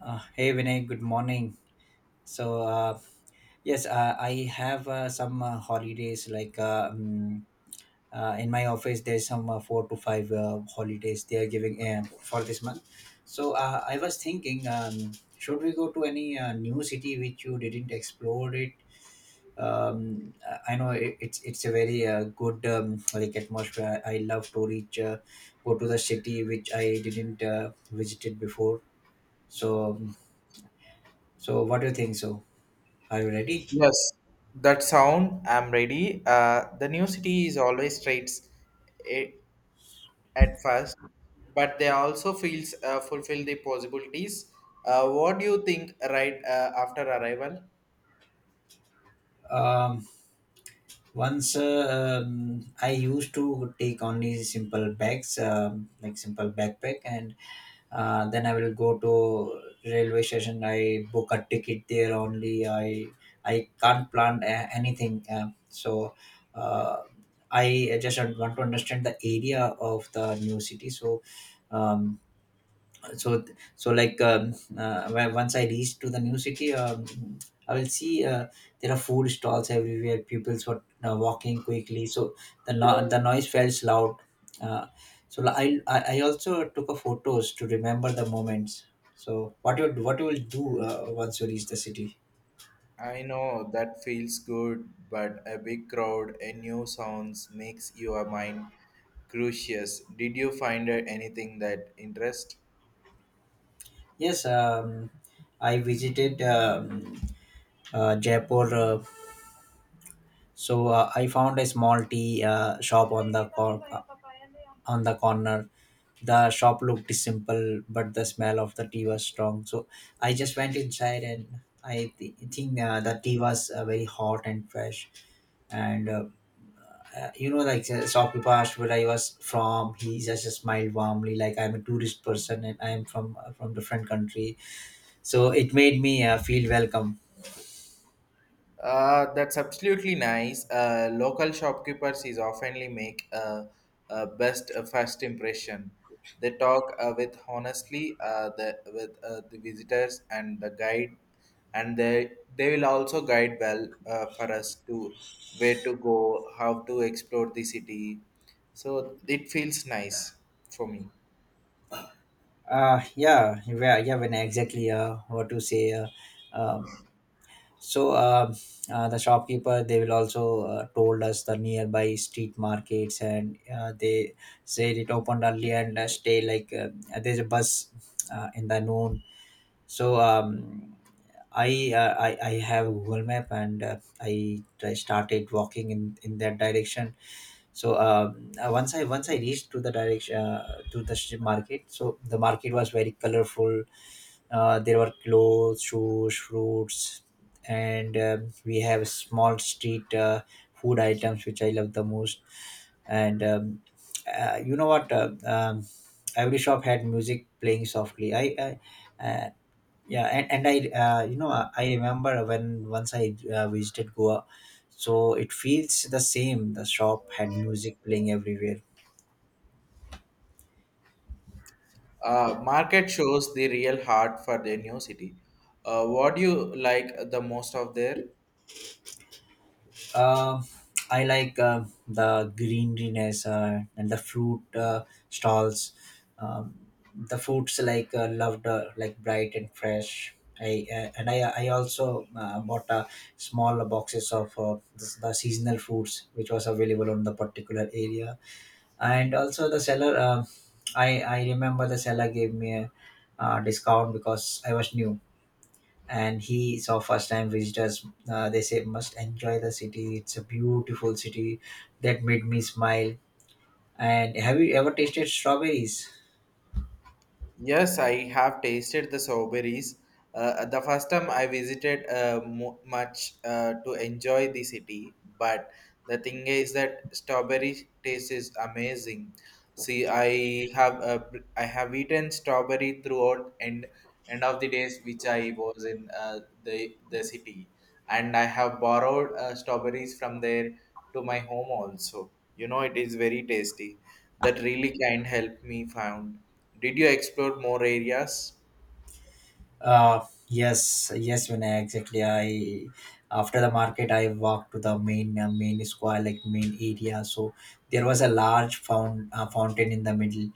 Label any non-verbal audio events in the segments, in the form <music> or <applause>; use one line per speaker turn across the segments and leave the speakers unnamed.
Hey Vinay, good morning. So uh, yes, I have some holidays like in my office. There's some four to five holidays they are giving for this month. So I was thinking, should we go to any new city which you didn't explore it? I know it's a very good like atmosphere. I love to reach go to the city which I didn't visited before, so um, so what do you think? So, are you ready?
Yes, that sound. I'm ready. The new city is always straights a- at first, but they also feels fulfill the possibilities. What do you think right after arrival?
Um, Once I used to take only simple bags, like simple backpack, and then I will go to railway station. I book a ticket there only. I can't plan anything. So. Uh, I just want to understand the area of the new city. Um, so so, once I reach to the new city, I will see there are food stalls everywhere. People were walking quickly, so the no- the noise felt loud. Uh, so li- I, I I also took a photos to remember the moments. So what you, what you will do once you reach the city?
I know that feels good, but a big crowd and new sounds makes your mind curious. Did you find anything that interest?
Yes, I visited, Jaipur. I found a small tea shop on the on the corner. The shop looked simple, but the smell of the tea was strong. So I just went inside, and I think the tea was very hot and fresh. And you know, like, shopkeeper asked where I was from. He just smiled warmly, like I'm a tourist person and I am from different country. So it made me feel welcome.
That's absolutely nice. Local shopkeepers is oftenly make a best first impression. They talk with honestly the with the visitors and the guide, and they will also guide well for us to where to go, how to explore the city. So it feels nice for me.
Yeah, yeah, yeah. When exactly, what to say. Um, So the shopkeeper, they will also told us the nearby street markets, and they said it opened early and stay, there's a bus in the noon. So, um, I have Google Map, and I started walking in that direction. So, once I reached to the direction to the market. So the market was very colorful. There were clothes, shoes, fruits, and we have small street food items, which I love the most. And you know what? Every shop had music playing softly. I yeah, and I you know, I remember when once I visited Goa, so it feels the same. The shop had music playing everywhere.
Market shows the real heart for the new city. What do you like the most of there?
Um, I like the greeniness and the fruit stalls. Um, the fruits loved, like, bright and fresh. I and I I also bought small boxes of the seasonal fruits which was available on the particular area. And also the seller, I remember the seller gave me a discount because I was new, and he saw first time visitors. They say must enjoy the city, it's a beautiful city. That made me smile. And have you ever tasted strawberries?
Yes, I have tasted the strawberries. The first time I visited much to enjoy the city, but the thing is that strawberry taste is amazing. See, I have eaten strawberry throughout and end of the days which I was in the city, and I have borrowed strawberries from there to my home also. You know, it is very tasty. That really can help me found. Did you explore more areas?
Yes, yes. When I exactly, I, after the market, I walked to the main, main square, like main area. So there was a large found fountain in the middle,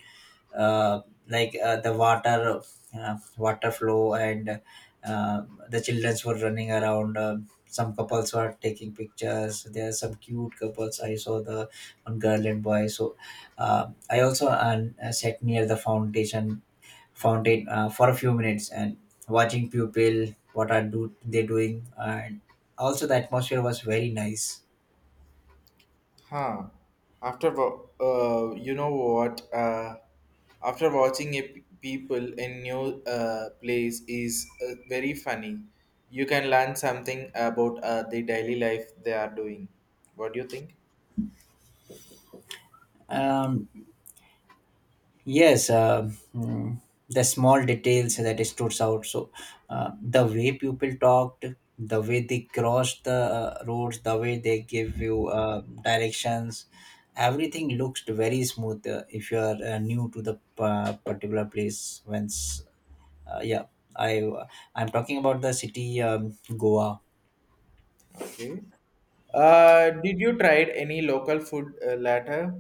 uh, the water, water flow. And uh, the childrens were running around. Some couples were taking pictures. There are some cute couples I saw, the one girl and boy. So I also sat near the foundation fountain for a few minutes and watching people, what are do they doing. And also the atmosphere was very nice.
Huh. You know what? After watching people in new place is very funny. You can learn something about the daily life they are doing. What do you think?
um, Yes, the small details that it stood out. So the way people talked, the way they crossed the roads, the way they give you directions, everything looks very smooth if you are new to the particular place. Once, uh, yeah, I I'm talking about the city, Goa.
Okay. Did you tried any local food later?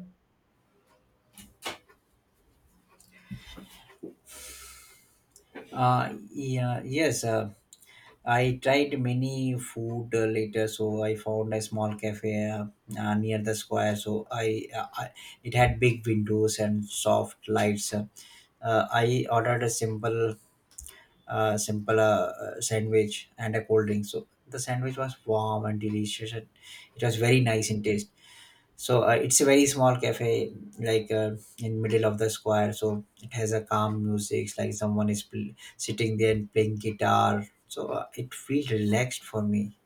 Yeah, yes. I tried many food later, so I found a small cafe, near the square. It had big windows and soft lights. I ordered a simple sandwich and a cold drink. So the sandwich was warm and delicious, and it was very nice in taste. So it's a very small cafe, like uh, in middle of the square. So it has a calm music, like someone is sitting there and playing guitar. So it feels relaxed for me.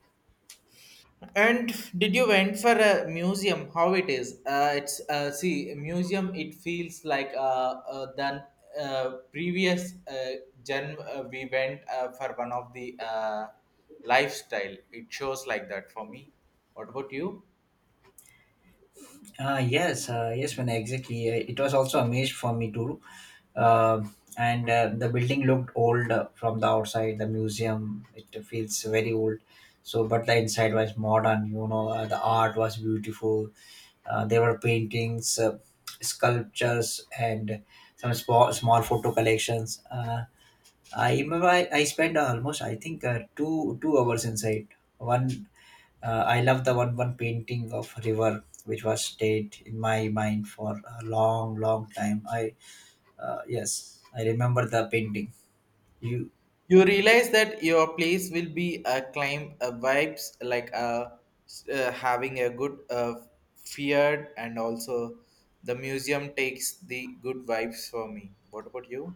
And did you went for a museum? How it is? It's See museum. It feels like than previous gen we went for one of the lifestyle. It shows like that for me. What about you?
Yes, when exactly. It was also amazed for me too. Um and The building looked old from the outside, the museum, it feels very old. So but the inside was modern, you know. The art was beautiful. There were paintings, sculptures, and some small, small photo collections. I remember I spent almost, I think, two hours inside. One I love the one painting of river which was stayed in my mind for a long, long time. I Yes, I remember the painting. You
You realize that your place will be a climb vibes like having a good feared and also the museum takes the good vibes for me. What about you?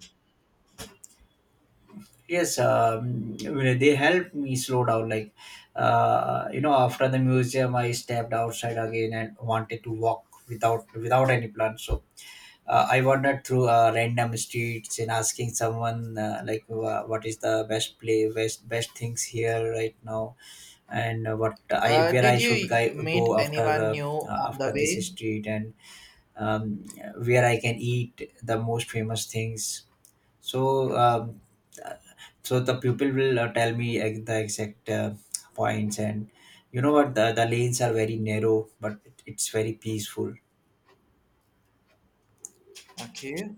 Yes, you know, they helped me slow down. Like, you know, after the museum, I stepped outside again and wanted to walk without any plan. So I wandered through random streets and asking someone, like what is the best play, best, best things here right now, and what, I, where I
Did
should
you
go
meet
after,
anyone new on the
after this
way?
street, and um, where I can eat the most famous things. So, so the pupil will tell me the exact points. And you know what? The lanes are very narrow, but it's very peaceful.
Okay.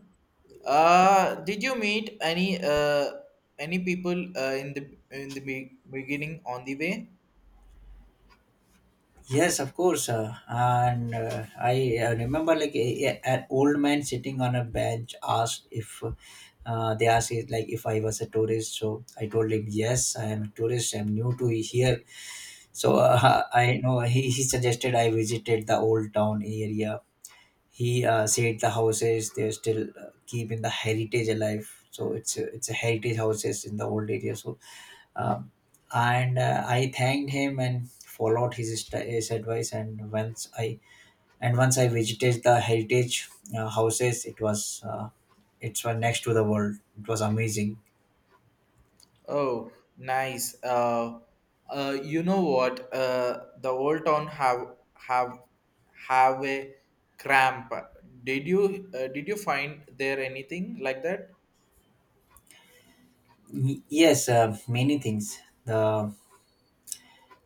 Did you meet any people in the beginning on the way?
Yes, of course. And I remember, like an old man sitting on a bench asked if, they asked it, like if I was a tourist. So I told him, yes, I am a tourist. I'm new to here. So, <laughs> I know, he suggested I visited the old town area. He said the houses, they still keep in the heritage alive. So it's a heritage houses in the old area. So, um, and I thanked him and followed his advice. And once I visited the heritage houses, it was it's one next to the world. It was amazing.
Oh, nice. You know what? The old town have a cramp. Did you find there anything like that?
Yes, many things. The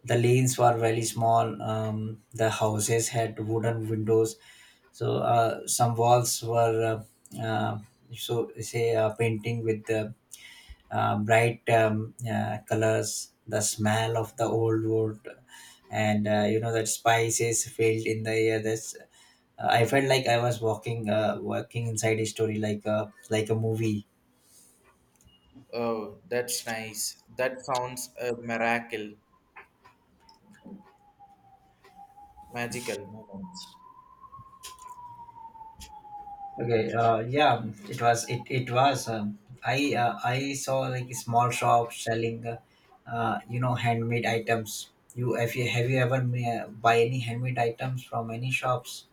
the lanes were very small. The houses had wooden windows. So some walls were, uh, uh, say painting with the bright, colors, the smell of the old wood, and you know, that spices filled in the air. That's I felt like I was walking inside a story, like a, like a movie.
Oh, that's nice. That sounds a miracle, magical moments.
Okay. Yeah. It was. It was. I saw, like, small shops selling, you know, handmade items. You, if you have, you ever buy any handmade items from any shops?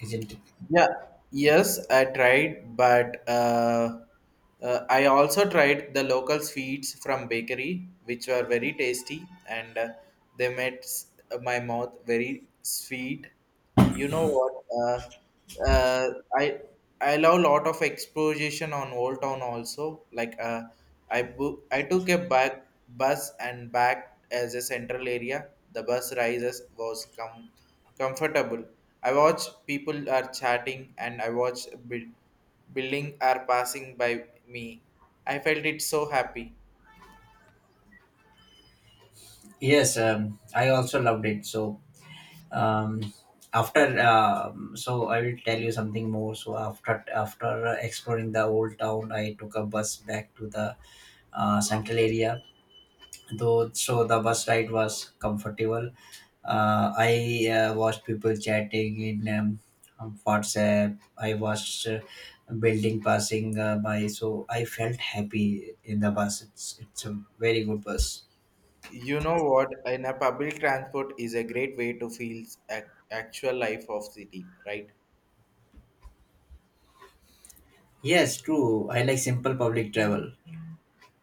Isn't it?
Yeah, yes, I tried, but I also tried the local sweets from bakery, which were very tasty, and they made my mouth very sweet. You know what? I love lot of exposition on Old Town also. Like I book, I took a back bus and back as a central area. The bus rises was comfortable. I watch people are chatting and I watch building are passing by me. I felt it so happy.
Yes. I also loved it. So, um, after so I will tell you something more. So, after exploring the old town, I took a bus back to the central area. Though, so the bus ride was comfortable. I watched people chatting in, on WhatsApp. I watched building passing by, so I felt happy in the bus. It's a very good bus.
You know what? In a public transport is a great way to feel actual life of city, right?
Yes, true. I like simple public travel.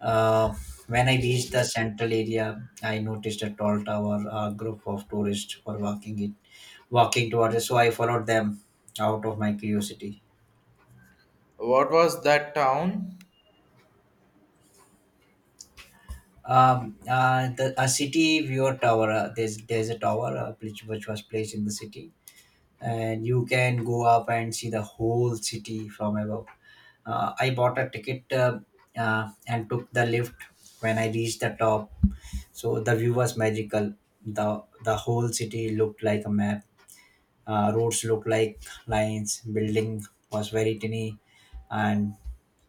Uh, when I reached the central area, I noticed a tall tower, a group of tourists were walking towards it. So I followed them out of my curiosity.
What was that town?
A city viewer tower. There's a tower, which was placed in the city, and you can go up and see the whole city from above. I bought a ticket, and took the lift. When I reached the top, so the view was magical. The whole city looked like a map. Roads looked like lines. Building was very tiny, and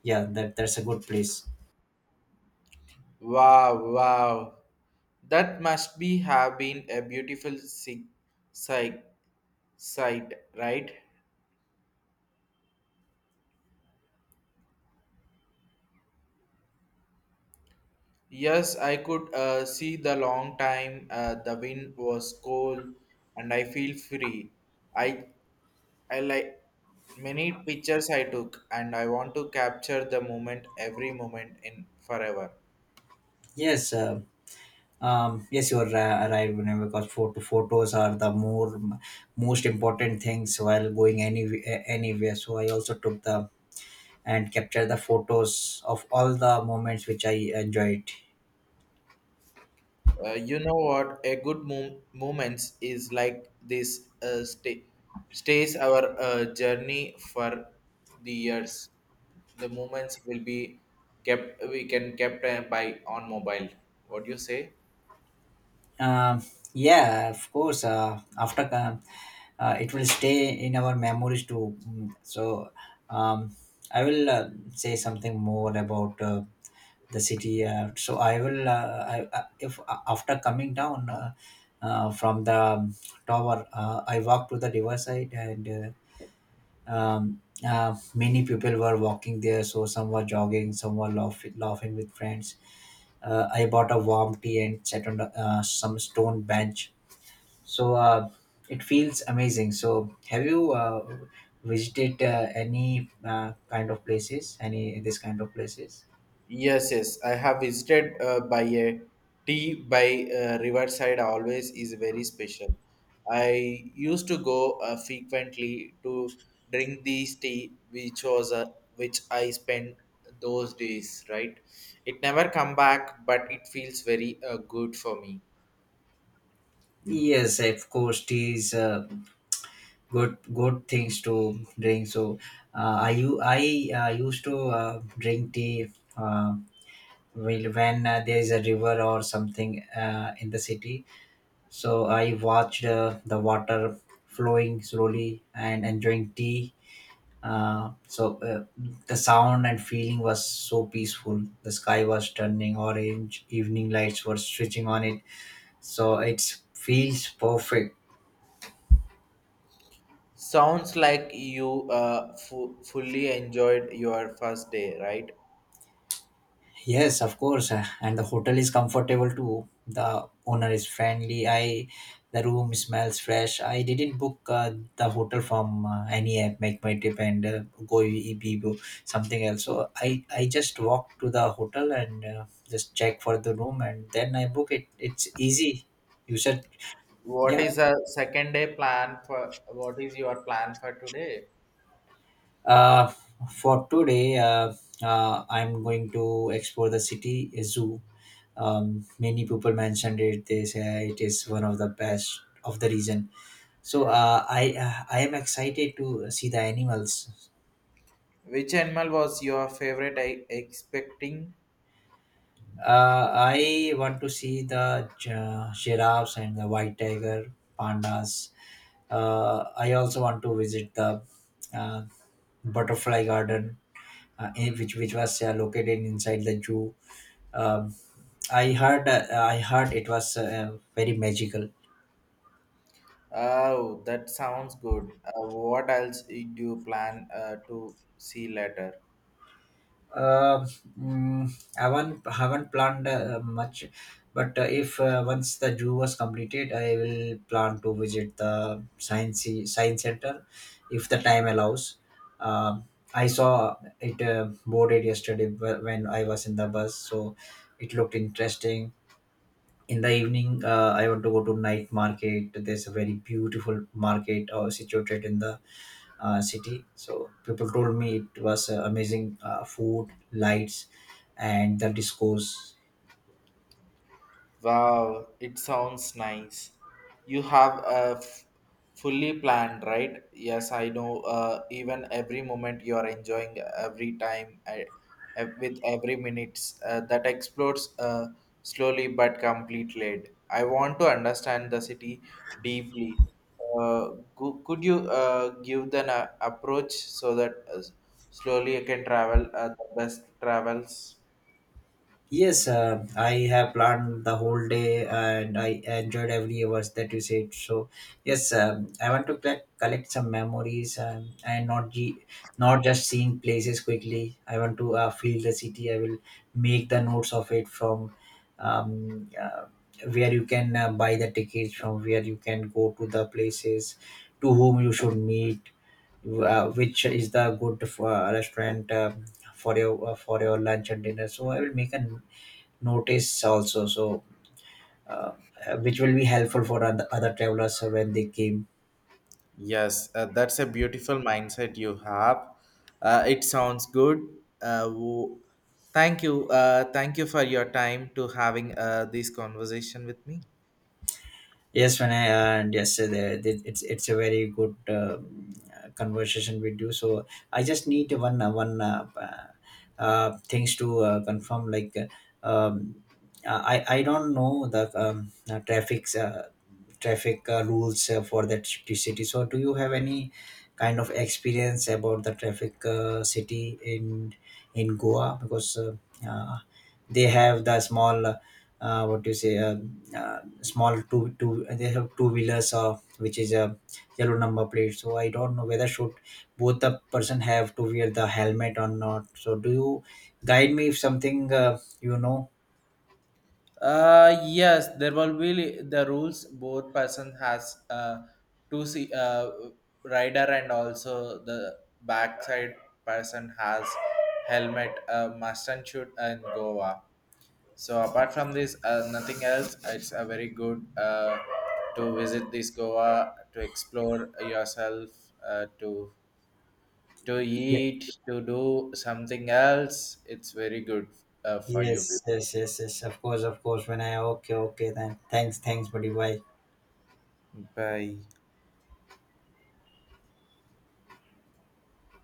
yeah, that's a good place.
Wow, wow. That must be have been a beautiful sig- sight, right? Yes, I could see the long time. The wind was cold, and I feel free. I I like many pictures I took, and I want to capture the moment, every moment in forever.
Yes. Yes you are right, Vinay, because photos are the more, most important things while going any, anywhere. So I also took the, and captured the photos of all the moments which I enjoyed.
You know what? A good moments is like this. Stays our journey for the years. The moments will be kept. We can kept by on mobile. What do you say?
um yeah, of course. After It will stay in our memories too. Mm, so, um I will say something more about the city. So I will, I- if after coming down from the tower, I walked to the riverside and uh, um, many people were walking there. So some were jogging, some were laughing, laughing with friends. I bought a warm tea and sat on the, some stone bench. So uh, it feels amazing. So have you visited any kind of places, any this kind of places?
Yes, yes. I have visited by a tea by Riverside always is very special. I used to go frequently to drink this tea, which was which I spent those days. Right, it never come back, but it feels very good for me.
Yes, of course, tea is good things to drink. So, I u- I used to drink tea when there is a river or something in the city. So I watched the water flowing slowly and enjoying tea. Uh, so uh, the sound and feeling was so peaceful. The sky was turning orange. Evening lights were switching on it. So it feels perfect.
Sounds like you fully enjoyed your first day, right?
Yes, of course. And the hotel is comfortable too. The owner is friendly. I, the room smells fresh. I didn't book the hotel from any app, make my trip and go Ibibo, something else. So I just walk to the hotel and just check for the room and then I book it. It's easy. You said,
What
yeah,
is a second day plan for? What is your plan for today?
Uh, for today, I'm going to explore the city zoo. Many people mentioned it. They say it is one of the best of the region. So I am excited to see the animals.
Which animal was your favorite? I expecting.
I want to see the giraffes and the white tiger, pandas. I also want to visit the uh, butterfly garden, which was located inside the zoo. Um, I heard it was very magical.
Oh, that sounds good. What else do you plan to see later?
Uh, mm, I haven't planned much, but if once the zoo was completed, I will plan to visit the science center, if the time allows. Um I saw it boarded yesterday when I was in the bus, so it looked interesting. In the evening, I want to go to night market. There's a very beautiful market situated in the city. So people told me it was amazing food, lights, and the discourse.
Wow, it sounds nice. You have a fully planned, right? Yes, I know. Even every moment you are enjoying every time with every minutes that explodes slowly but completely. I want to understand the city deeply. Could you give an approach so that slowly I can travel the best travels?
Yes, I have planned the whole day and I enjoyed every hours that you said. So, yes, I want to collect some memories and not just seeing places quickly. I want to feel the city. I will make the notes of it from um, uh, where you can buy the tickets, from where you can go to the places, to whom you should meet, which is the good restaurant. For your for your lunch and dinner, so I will make a notice also. Uh, which will be helpful for other travelers when they came.
Yes, that's a beautiful mindset you have. It sounds good. Uh, wo- Thank you. Thank you for your time to having this conversation with me.
Yes when I and Yes, it's a very good conversation with you. So I just need one things to confirm, like um, I don't know the traffic rules for that city. So, do you have any kind of experience about the traffic city in Goa? Because uh, they have the small, what do you say, small two. They have two wheelers, which is a yellow number plate. So, I don't know whether should both the person have to wear the helmet or not. So, do you guide me if something, you know?
Yes, there will be the rules. Both person has two see rider and also the backside person has helmet. Must and should and Goa. So apart from this, nothing else. It's a very good to visit this Goa to explore yourself, uh, to to eat, to do something else. It's very good for you.
Yes, yes, yes, yes. Of course, of course. When I okay, okay, then thanks, thanks, buddy. Bye.
Bye.